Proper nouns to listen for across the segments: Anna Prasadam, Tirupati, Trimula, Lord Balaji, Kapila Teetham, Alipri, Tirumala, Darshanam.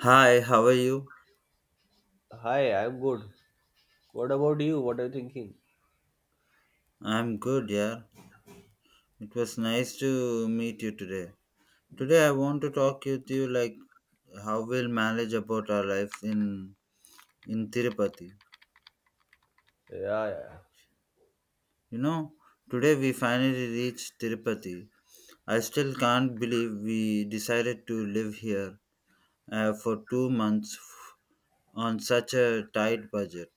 Hi, how are you? Hi, I'm good. What about you? What are you thinking? I'm good, yeah. It was nice to meet you today. Today I want to talk with you, like, how we'll manage about our lives in Tirupati. Yeah, yeah. You know, today we finally reached Tirupati. I still can't believe we decided to live here for 2 months on such a tight budget.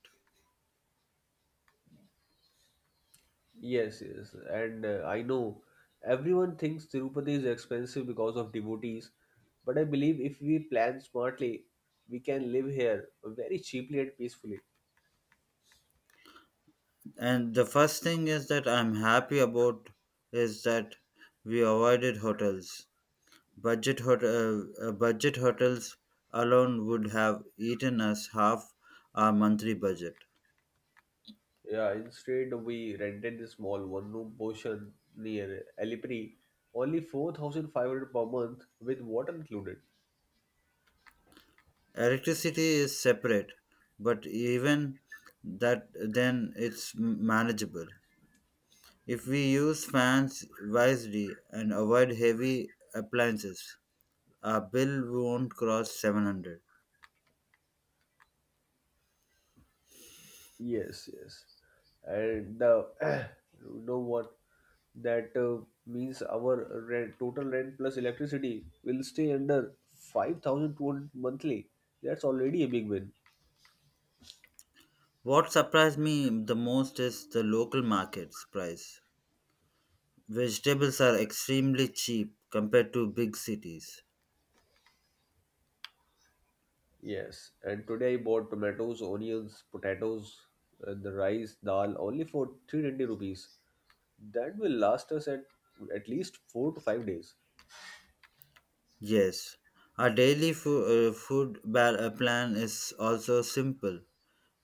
Yes, yes. And I know everyone thinks Tirupati is expensive because of devotees, but I believe if we plan smartly, we can live here very cheaply and peacefully. And the first thing is that I'm happy about is that we avoided hotels. Budget hotels alone would have eaten us half our monthly budget. Yeah, instead we rented this small one-room portion near Alipri, only 4,500 per month with water included. Electricity is separate, but even that then manageable. If we use fans wisely and avoid heavy appliances, our bill won't cross 700. Yes, yes. And the you know what that means our rent, total rent plus electricity will stay under 5,200 monthly. That's already a big win. What surprised me the most is the local market's price. Vegetables are extremely cheap compared to big cities. Yes. And today I bought tomatoes, onions, potatoes, and the rice, dal only for 300 rupees. That will last us at least 4 to 5 days. Yes, our daily food plan is also simple.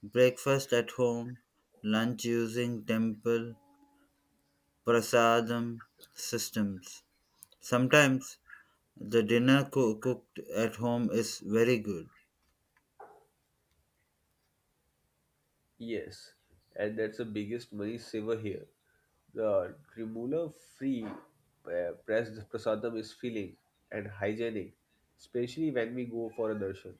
Breakfast at home, lunch using temple prasadam systems. Sometimes the dinner cooked at home is very good. Yes, and that's the biggest money saver here. The Trimula free pressed prasadam is filling and hygienic, especially when we go for a darshan.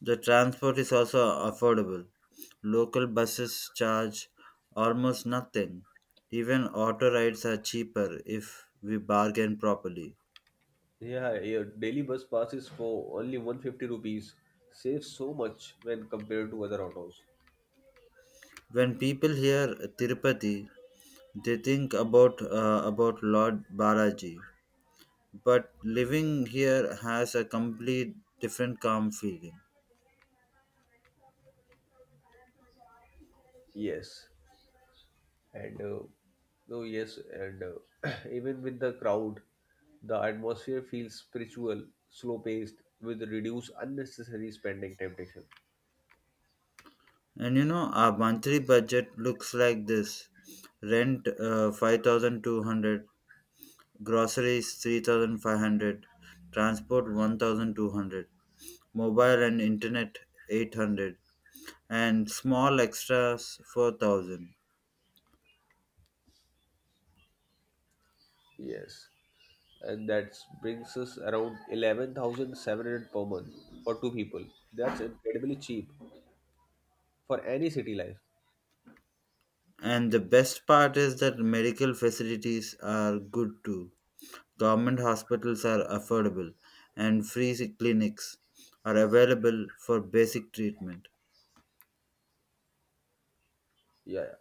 The transport is also affordable. Local buses charge almost nothing. Even auto rides are cheaper if we bargain properly. Yeah, your daily bus passes for only 150 rupees, saves so much when compared to other autos. When people hear Tirupati, they think about Lord Balaji, but living here has a complete different calm feeling. Yes, and no, yes, and even with the crowd, the atmosphere feels spiritual, slow paced, with reduced unnecessary spending temptation. And you know, our monthly budget looks like this: rent 5,200, groceries 3,500, transport 1,200, mobile and internet 800, and small extras 4,000. Yes. And that brings us around 11,700 per month for two people. That's incredibly cheap for any city life. And the best part is that medical facilities are good too. Government hospitals are affordable, and free clinics are available for basic treatment. Yeah,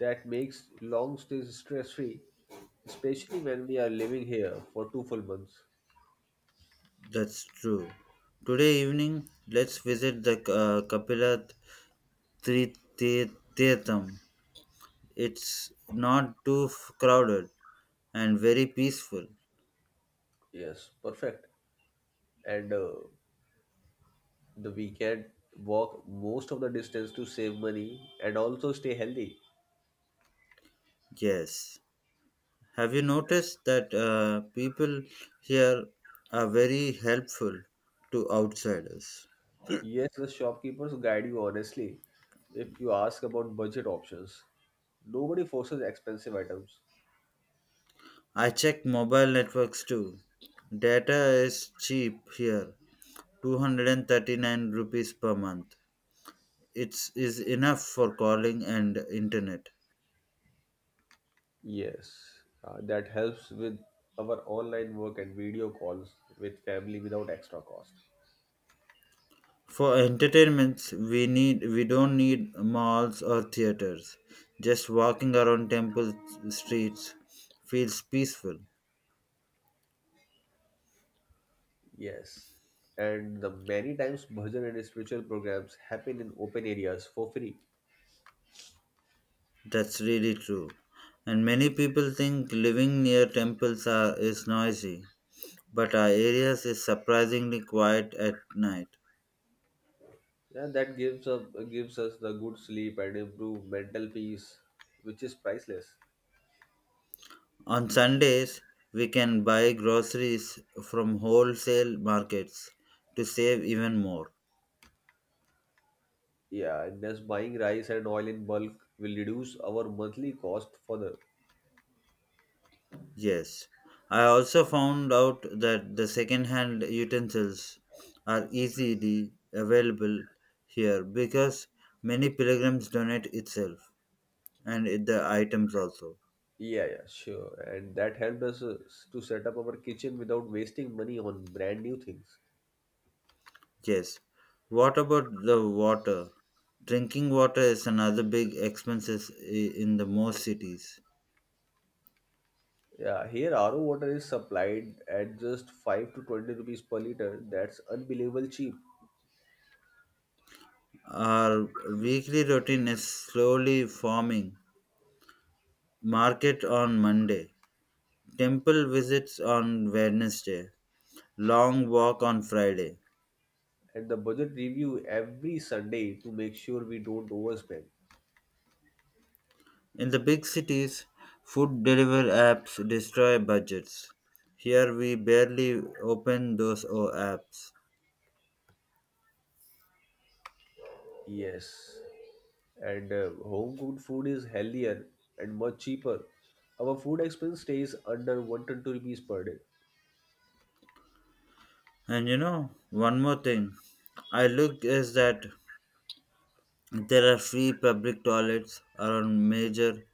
that makes long stays stress free, especially when we are living here for two full months. That's true. Today evening, let's visit the Kapila Teetham. It's not too crowded and very peaceful. Yes, perfect. And the weekend walk most of the distance to save money and also stay healthy. Yes. Have you noticed that people here are very helpful to outsiders? Yes, the shopkeepers guide you honestly if you ask about budget options. Nobody forces expensive items. I checked mobile networks too. Data is cheap here, 239 rupees per month. It's is enough for calling and internet. Yes, that helps with our online work and video calls with family without extra cost. For entertainments, we don't need malls or theaters. Just walking around temple streets feels peaceful. Yes, and the many times bhajan and spiritual programs happen in open areas for free. That's really true. And many people think living near temples are is noisy, but our areas is surprisingly quiet at night. Yeah, that gives us the good sleep and improved mental peace, which is priceless. On Sundays, we can buy groceries from wholesale markets to save even more. Yeah, and thus buying rice and oil in bulk will reduce our monthly cost further. Yes, I also found out that the second-hand utensils are easily available here because many pilgrims donate itself and the items also. Yeah, yeah, sure. And that helped us to set up our kitchen without wasting money on brand new things. Yes. What about the water? Drinking water is another big expenses in the most cities. Yeah, here RO water is supplied at just 5 to 20 rupees per liter. That's unbelievable cheap. Our weekly routine is slowly forming. Market on Monday, temple visits on Wednesday, long walk on Friday. And the budget review every Sunday to make sure we don't overspend. In the big cities, food delivery apps destroy budgets. Here we barely open those apps. Yes. And home cooked food is healthier and much cheaper. Our food expense stays under 120 rupees per day. And you know, one more thing I look is that there are free public toilets around major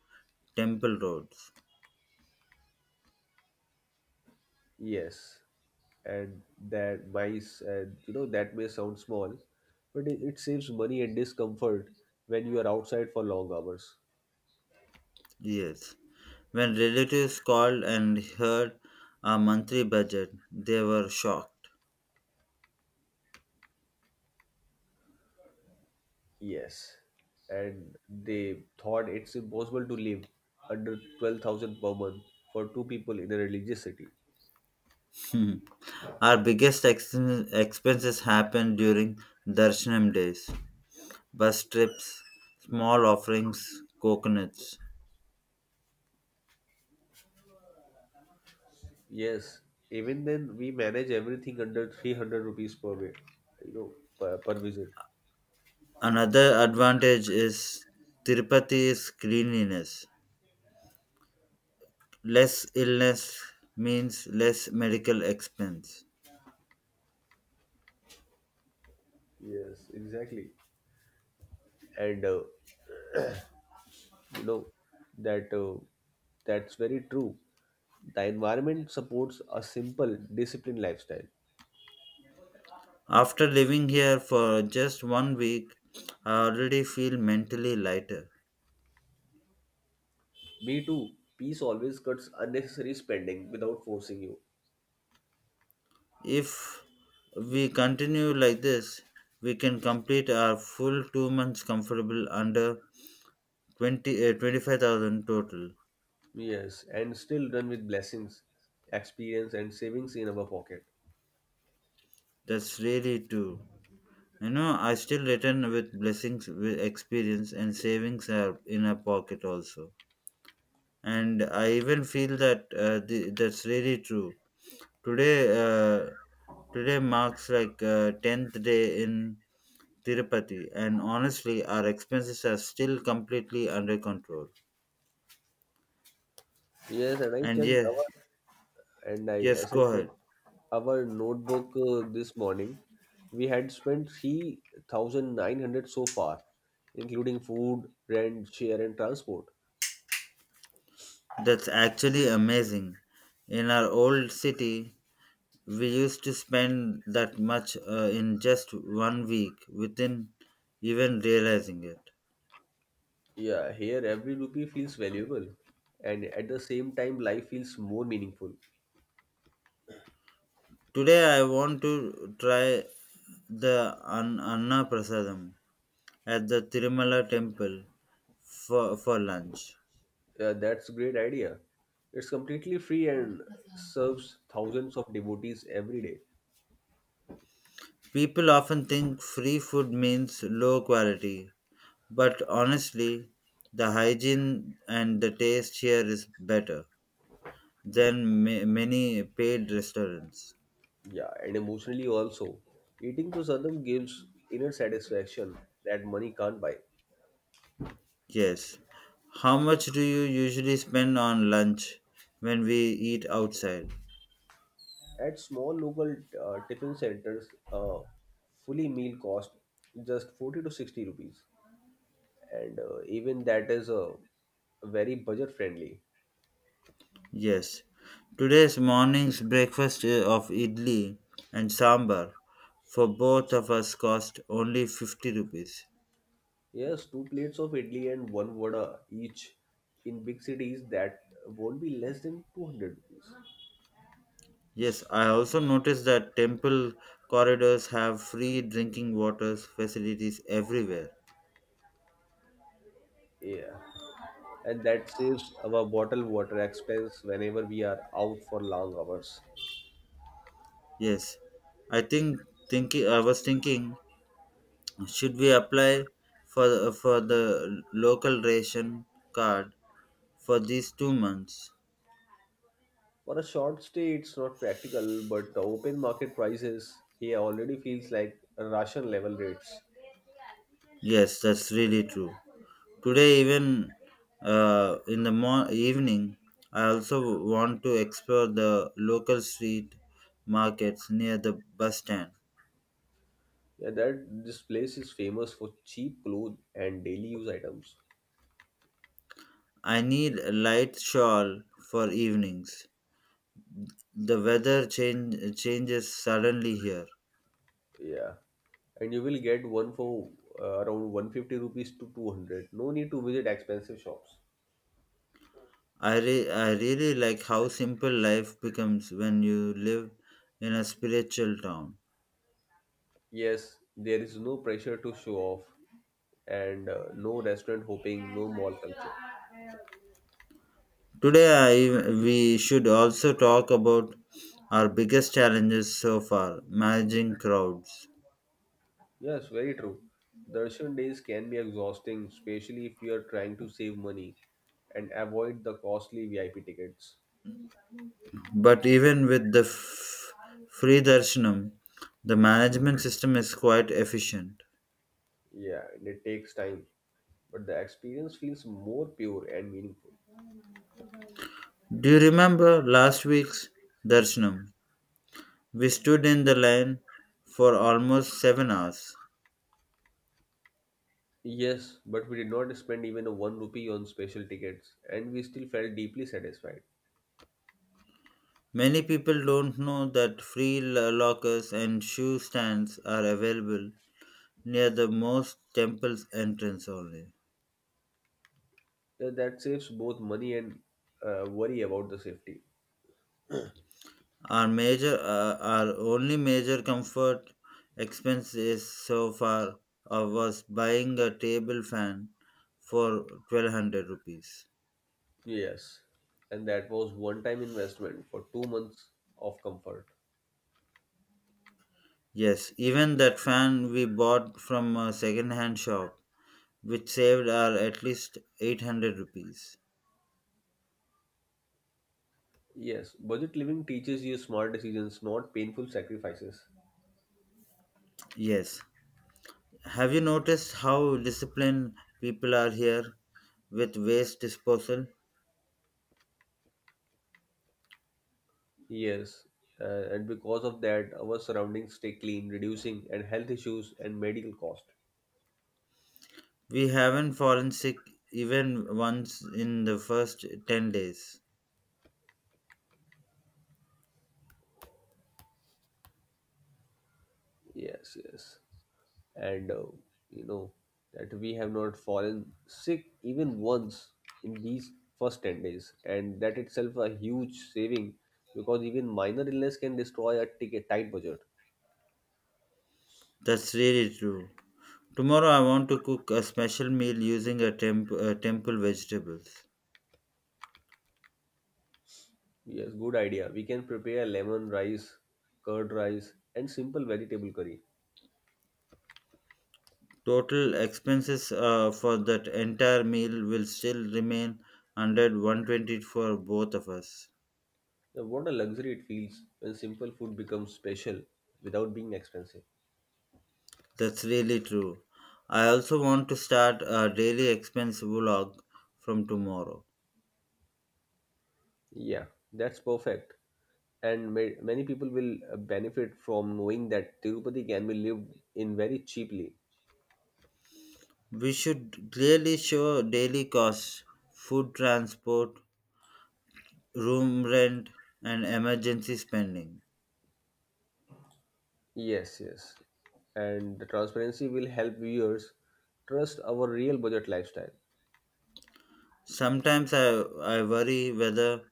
temple roads. Yes. And that mice and you know that may sound small, but it saves money and discomfort when you are outside for long hours. Yes. When relatives called and heard our monthly budget, they were shocked. Yes, and they thought it's impossible to live under 12,000 per month for two people in a religious city. Hmm. Our biggest expenses happened during Darshanam days, bus trips, small offerings, coconuts. Yes, even then we manage everything under 300 rupees per way, you know, per visit. Another advantage is Tirupati's cleanliness. Less illness means less medical expense. Yes, exactly. And you know that uh, that's very true. The environment supports a simple, disciplined lifestyle. After living here for just 1 week, I already feel mentally lighter. Me too. Peace always cuts unnecessary spending without forcing you. If we continue like this, we can complete our full 2 months comfortable under 25,000 total. Yes, and still done with blessings, experience, and savings in our pocket. That's really true. You know, I still return with blessings, with experience, and savings are in a pocket also. And I even feel that's really true. Today, uh, Today marks like tenth day in Tirupati, and honestly, our expenses are still completely under control. Yes, and And yes, our yes, I go checked ahead. our notebook this morning, we had spent 3,900 so far, including food, rent, share, and transport. That's actually amazing. In our old city, we used to spend that much in just 1 week within even realizing it. Yeah, here every rupee feels valuable, and at the same time, life feels more meaningful. Today, I want to try the Anna Prasadam at the Tirumala temple for lunch. Yeah, that's a great idea. It's completely free and serves thousands of devotees every day. People often think free food means low quality, but honestly, the hygiene and the taste here is better than many paid restaurants. Yeah, and emotionally also. Eating prasadam gives inner satisfaction that money can't buy. Yes. How much do you usually spend on lunch when we eat outside? At small local tiffin centers, fully meal cost just 40 to 60 rupees. And even that is very budget friendly. Yes. Today's morning's breakfast of idli and sambar for both of us cost only 50 rupees. Yes, two plates of idli and one vada each in big cities that won't be less than 200 rupees. Yes, I also noticed that temple corridors have free drinking water facilities everywhere. Yeah. And that saves our bottled water expense whenever we are out for long hours. Yes, I think I was thinking, should we apply for the local ration card for these 2 months? For a short stay, it's not practical, but the open market prices here already feels like Russian level rates. Yes, that's really true. Today, even in the mo- evening, I also want to explore the local street markets near the bus stand. Yeah, that this place is famous for cheap clothes and daily use items. I need a light shawl for evenings. The weather changes suddenly here. Yeah, and you will get one for around 150 rupees to 200. No need to visit expensive shops. I really like how simple life becomes when you live in a spiritual town. Yes, there is no pressure to show off, and no restaurant hopping, no mall culture. Today, we should also talk about our biggest challenges so far managing crowds. Yes, very true. Darshan days can be exhausting, especially if you are trying to save money and avoid the costly VIP tickets. But even with the free darshanam, the management system is quite efficient. Yeah, and it takes time, but the experience feels more pure and meaningful. Do you remember last week's darshanam? We stood in the line for almost 7 hours. Yes, but we did not spend even a one rupee on special tickets, and we still felt deeply satisfied. Many people don't know that free lockers and shoe stands are available near the most temples entrance only. That saves both money and worry about the safety. Our only major comfort expense is so far was buying a table fan for 1200 rupees. Yes, and that was one-time investment for 2 months of comfort. Yes, even that fan we bought from a second hand shop which saved our at least 800 rupees. Yes, budget living teaches you smart decisions, not painful sacrifices. Yes, have you noticed how disciplined people are here with waste disposal? Yes, and because of that, our surroundings stay clean, reducing and health issues and medical cost. We haven't fallen sick even once in the first 10 days. Yes, yes, and you know that we have not fallen sick even once in these first 10 days, and that itself a huge saving because even minor illness can destroy a ticket tight budget. That's really true. Tomorrow I want to cook a special meal using temple vegetables. Yes, good idea. We can prepare lemon rice, curd rice, and simple vegetable curry. Total expenses for that entire meal will still remain under 120 for both of us. Yeah, what a luxury it feels when simple food becomes special without being expensive. That's really true. I also want to start a daily expense vlog from tomorrow. Yeah, that's perfect. And many people will benefit from knowing that Tirupati can be lived in very cheaply. We should clearly show daily costs, food transport, room rent, and emergency spending. Yes, yes. And the transparency will help viewers trust our real budget lifestyle. Sometimes I worry whether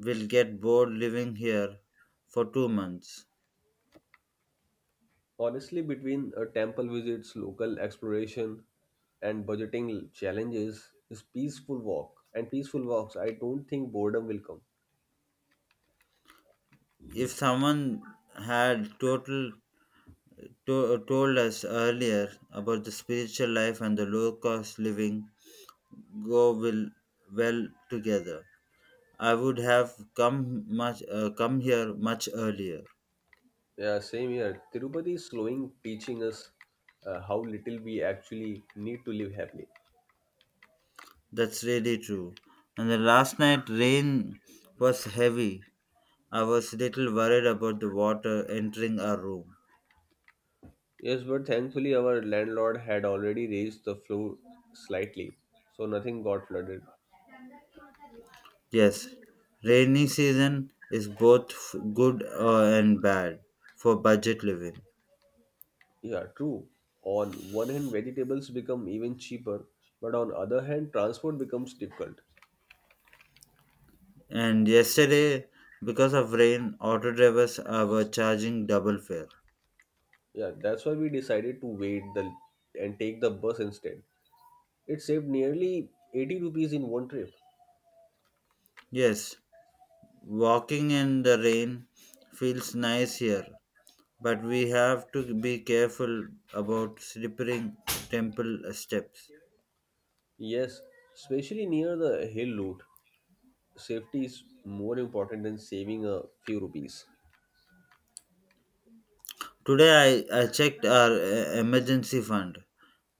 we'll get bored living here for 2 months. Honestly, between temple visits, local exploration, and budgeting challenges, is peaceful walk and peaceful walks. I don't think boredom will come. If someone had told us earlier about the spiritual life and the low cost living go will well together. I would have come much come here much earlier. Yeah, same here. Tirupati is slowing, teaching us how little we actually need to live happily. That's really true. And the last night rain was heavy. I was little worried about the water entering our room. Yes, but thankfully our landlord had already raised the floor slightly, so nothing got flooded. Yes, rainy season is both good and bad for budget living. Yeah, true. On one hand, vegetables become even cheaper, but on other hand, transport becomes difficult. And yesterday, because of rain, auto drivers were charging double fare. Yeah, that's why we decided to wait the and take the bus instead. It saved nearly 80 rupees in one trip. Yes, walking in the rain feels nice here, but we have to be careful about slipping temple steps. Yes, especially near the hill route. Safety is more important than saving a few rupees. Today I checked our emergency fund.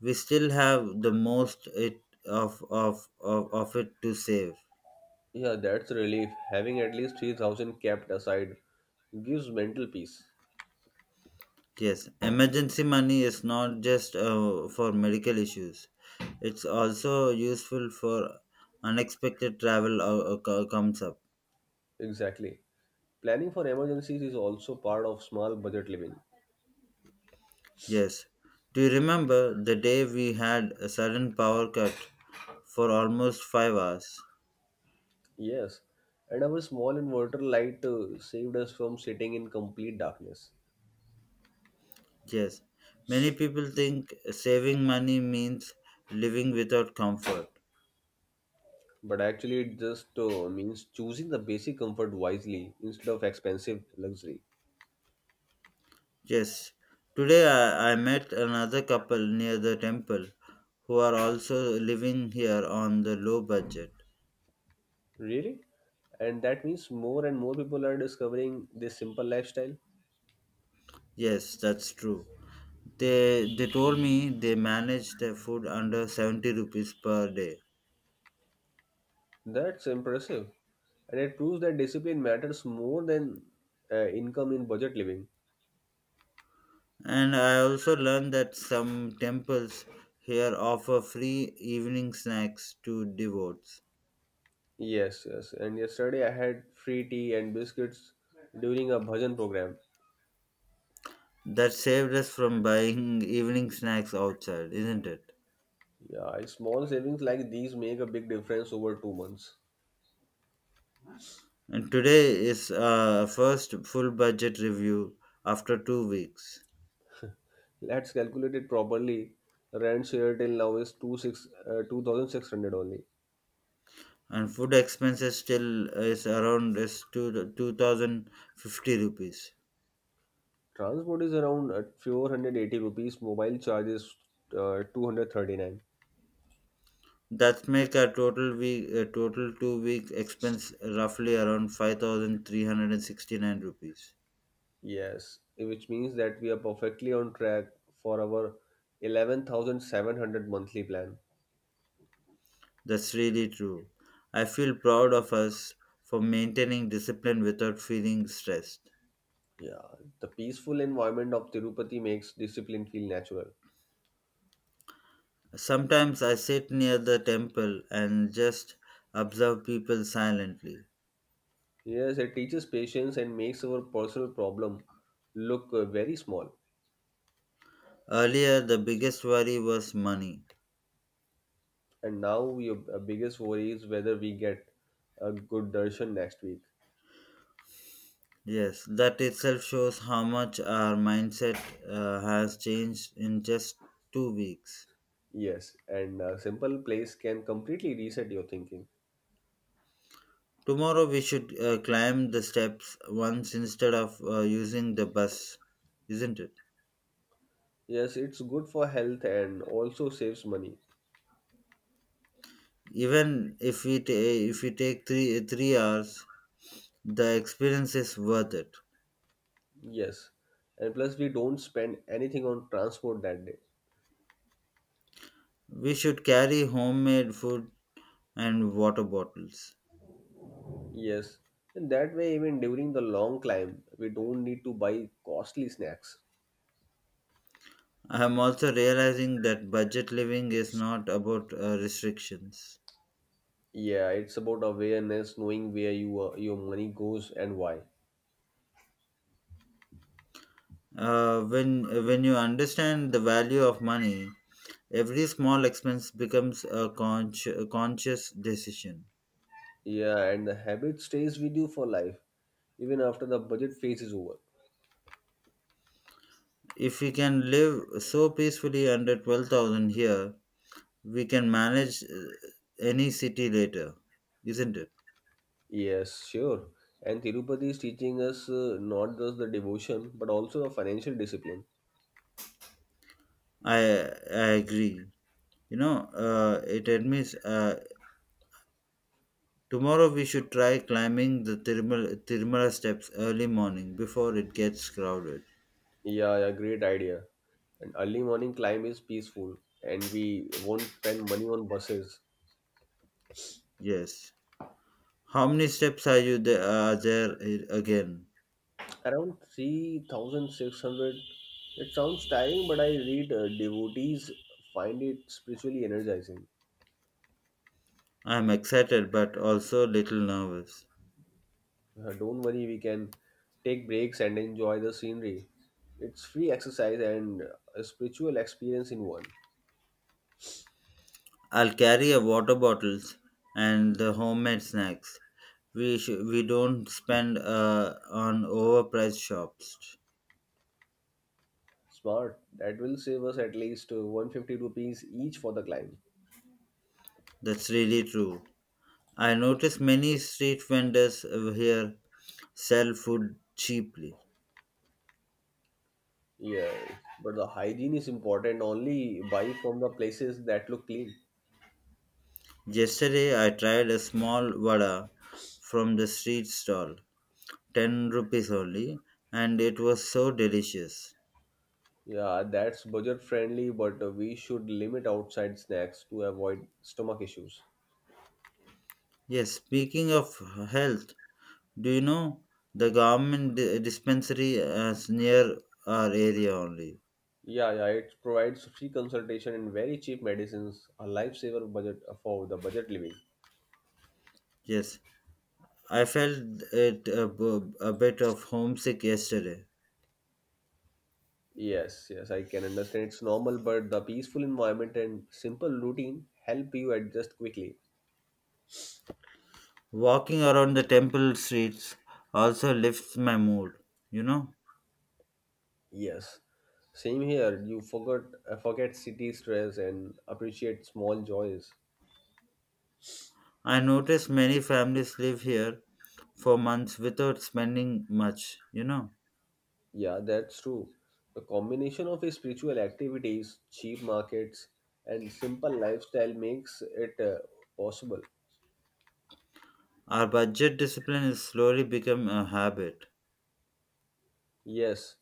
We still have the most it of it to save. Yeah, that's a relief. Having at least 3000 kept aside gives mental peace. Yes, emergency money is not just for medical issues. It's also useful for unexpected travel or comes up. Exactly. Planning for emergencies is also part of small budget living. Yes. Do you remember the day we had a sudden power cut for almost 5 hours? Yes, and our small inverter light saved us from sitting in complete darkness. Yes. Many people think saving money means living without comfort. But actually, it just means choosing the basic comfort wisely instead of expensive luxury. Yes. Today I met another couple near the temple who are also living here on the low budget. Really? And that means more and more people are discovering this simple lifestyle. Yes, that's true. They told me they manage their food under 70 rupees per day. That's impressive. And it proves that discipline matters more than income in budget living. And I also learned that some temples here offer free evening snacks to devotees. Yes, yes. And yesterday I had free tea and biscuits during a bhajan program. That saved us from buying evening snacks outside, isn't it? Yeah, small savings like these make a big difference over 2 months. And today is our first full budget review after 2 weeks. Let's calculate it properly. Rent share till now is two six 2600 only. And food expenses still is around 2050 rupees. Transport is around 480 rupees. Mobile charge is 239. That make our total 2 week expense roughly around 5369 rupees. Yes, which means that we are perfectly on track for our 11,700 monthly plan. That's really true. I feel proud of us for maintaining discipline without feeling stressed. Yeah, the peaceful environment of Tirupati makes discipline feel natural. Sometimes I sit near the temple and just observe people silently. Yes, it teaches patience and makes our personal problem look very small. Earlier, the biggest worry was money. And now your biggest worry is whether we get a good darshan next week. Yes, that itself shows how much our mindset has changed in just 2 weeks. Yes, and a simple place can completely reset your thinking. Tomorrow, we should climb the steps once instead of using the bus, isn't it? Yes, it's good for health and also saves money. Even if we take three hours, the experience is worth it. Yes. And plus, we don't spend anything on transport that day. We should carry homemade food and water bottles. Yes. And that way, even during the long climb, we don't need to buy costly snacks. I am also realizing that budget living is not about restrictions. Yeah, it's about awareness, knowing where your money goes and why. When you understand the value of money, every small expense becomes a conscious decision. Yeah, and the habit stays with you for life, even after the budget phase is over. If we can live so peacefully under 12,000 here, we can manage any city later, isn't it? Yes, sure. And Tirupati is teaching us not just the devotion, but also the financial discipline. I agree. You know, it admits tomorrow we should try climbing the Tirumala steps early morning before it gets crowded. Yeah, yeah, great idea. An early morning climb is peaceful, and we won't spend money on buses. Yes. How many steps are there again? Around 3,600. It sounds tiring, but I read devotees find it spiritually energizing. I'm excited but also a little nervous. Don't worry, we can take breaks and enjoy the scenery. It's free exercise and a spiritual experience in one. I'll carry a water bottles and the homemade snacks. We don't spend on overpriced shops. Smart. That will save us at least 150 rupees each for the climb. That's really true. I notice many street vendors over here sell food cheaply. Yes, but the hygiene is important. Only buy from the places that look clean. Yesterday I tried a small vada from the street stall, 10 rupees only, and it was so delicious. Yeah, that's budget friendly, but we should limit outside snacks to avoid stomach issues. Yes, speaking of health, do you know the government dispensary is near our area only? Yeah, yeah, it provides free consultation and very cheap medicines, a lifesaver budget for the budget living. Yes, I felt it a bit of homesick yesterday. Yes, yes, I can understand it's normal, but the peaceful environment and simple routine help you adjust quickly. Walking around the temple streets also lifts my mood, you know. Yes. Same here, you forgot forget city stress and appreciate small joys. I notice many families live here for months without spending much, you know. Yeah, that's true. The combination of spiritual activities, cheap markets, and simple lifestyle makes it possible. Our budget discipline is slowly become a habit. Yes,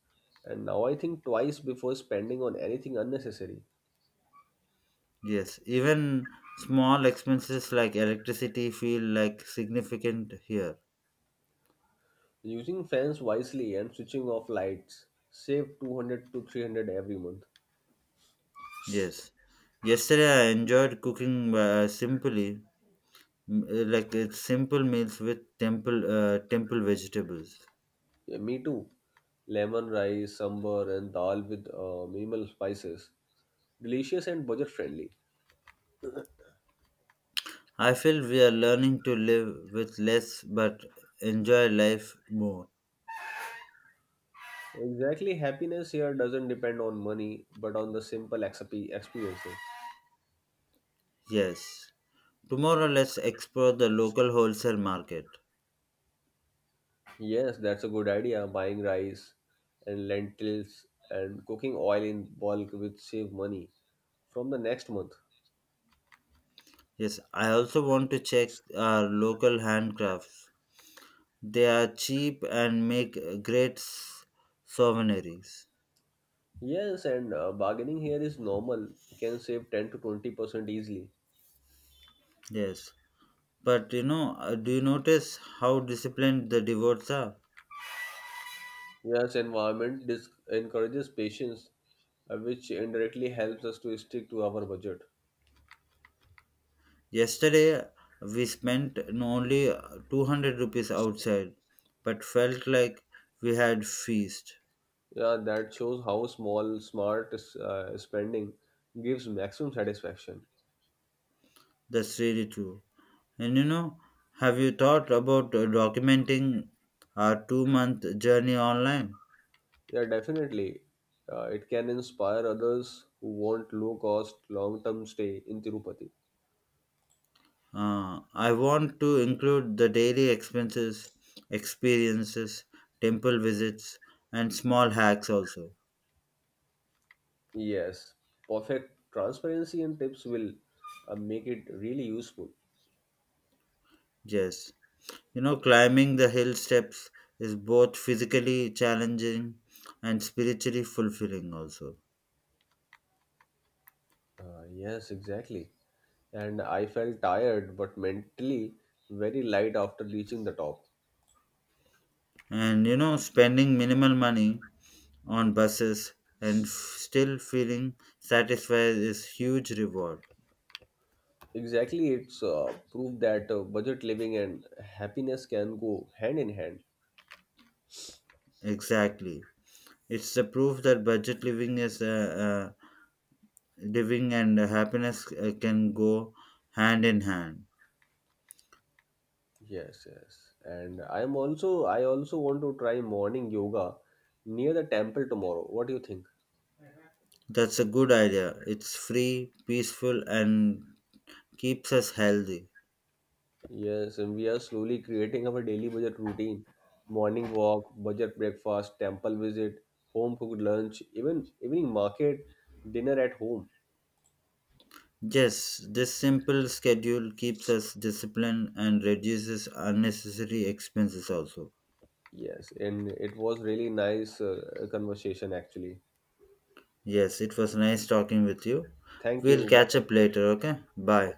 and now I think twice before spending on anything unnecessary. Yes, even small expenses like electricity feel like significant here. Using fans wisely and switching off lights save 200 to 300 every month. Yes. Yesterday I enjoyed cooking like it's simple meals with temple vegetables. Yeah, me too. Lemon rice, sambar, and dal with minimal spices. Delicious and budget friendly. I feel we are learning to live with less but enjoy life more. Exactly, happiness here doesn't depend on money, but on the simple experiences. Yes. Tomorrow, let's explore the local wholesale market. Yes, that's a good idea. Buying rice and lentils and cooking oil in bulk will save money from the next month. Yes, I also want to check our local handcrafts. They are cheap and make great souvenirs. Yes, and bargaining here is normal. You can save 10 to 20% easily. Yes. But you know, do you notice how disciplined the devotees are? Yes, encourages patience, which indirectly helps us to stick to our budget. Yesterday we spent only 200 rupees outside but felt like we had feast. Yeah, that shows how small, smart spending gives maximum satisfaction. That's really true. And you know, have you thought about documenting our 2 month journey online? Yeah, definitely. It can inspire others who want low cost, long term stay in Tirupati. I want to include the daily expenses, experiences, temple visits, and small hacks also. Yes, perfect transparency and tips will make it really useful. Yes. You know, climbing the hill steps is both physically challenging and spiritually fulfilling, also. Yes, exactly. And I felt tired but mentally very light after reaching the top. And you know, spending minimal money on buses and still feeling satisfied is huge reward. Exactly, it's proof that budget living and happiness can go hand in hand. Exactly. It's the proof that budget living is living and happiness can go hand in hand. Yes, yes. And I also want to try morning yoga near the temple tomorrow. What do you think? That's a good idea. It's free, peaceful, and keeps us healthy. Yes, and we are slowly creating our daily budget routine. Morning walk, budget breakfast, temple visit, home cooked lunch, even evening market, dinner at home. Yes, this simple schedule keeps us disciplined and reduces unnecessary expenses also. Yes, and it was really nice conversation actually. Yes, it was nice talking with you. Thank We'll you. catch Bye. up later, okay? Bye.